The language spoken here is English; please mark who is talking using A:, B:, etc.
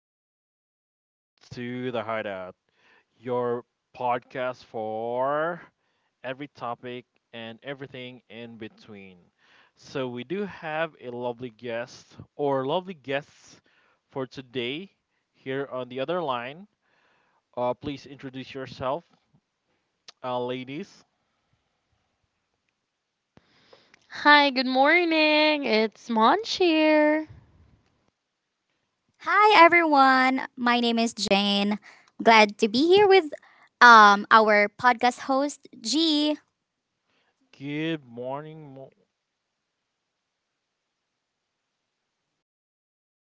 A: gentlemen. Welcome to The Hideout, your podcast for every topic and everything in between. So, we do have a lovely guest or lovely guests for today here on the other line. Please introduce yourself, ladies.
B: Hi, good morning. It's Monch here.
C: Hi everyone. My name is Jane. Glad to be here with our podcast host G.
A: Good morning.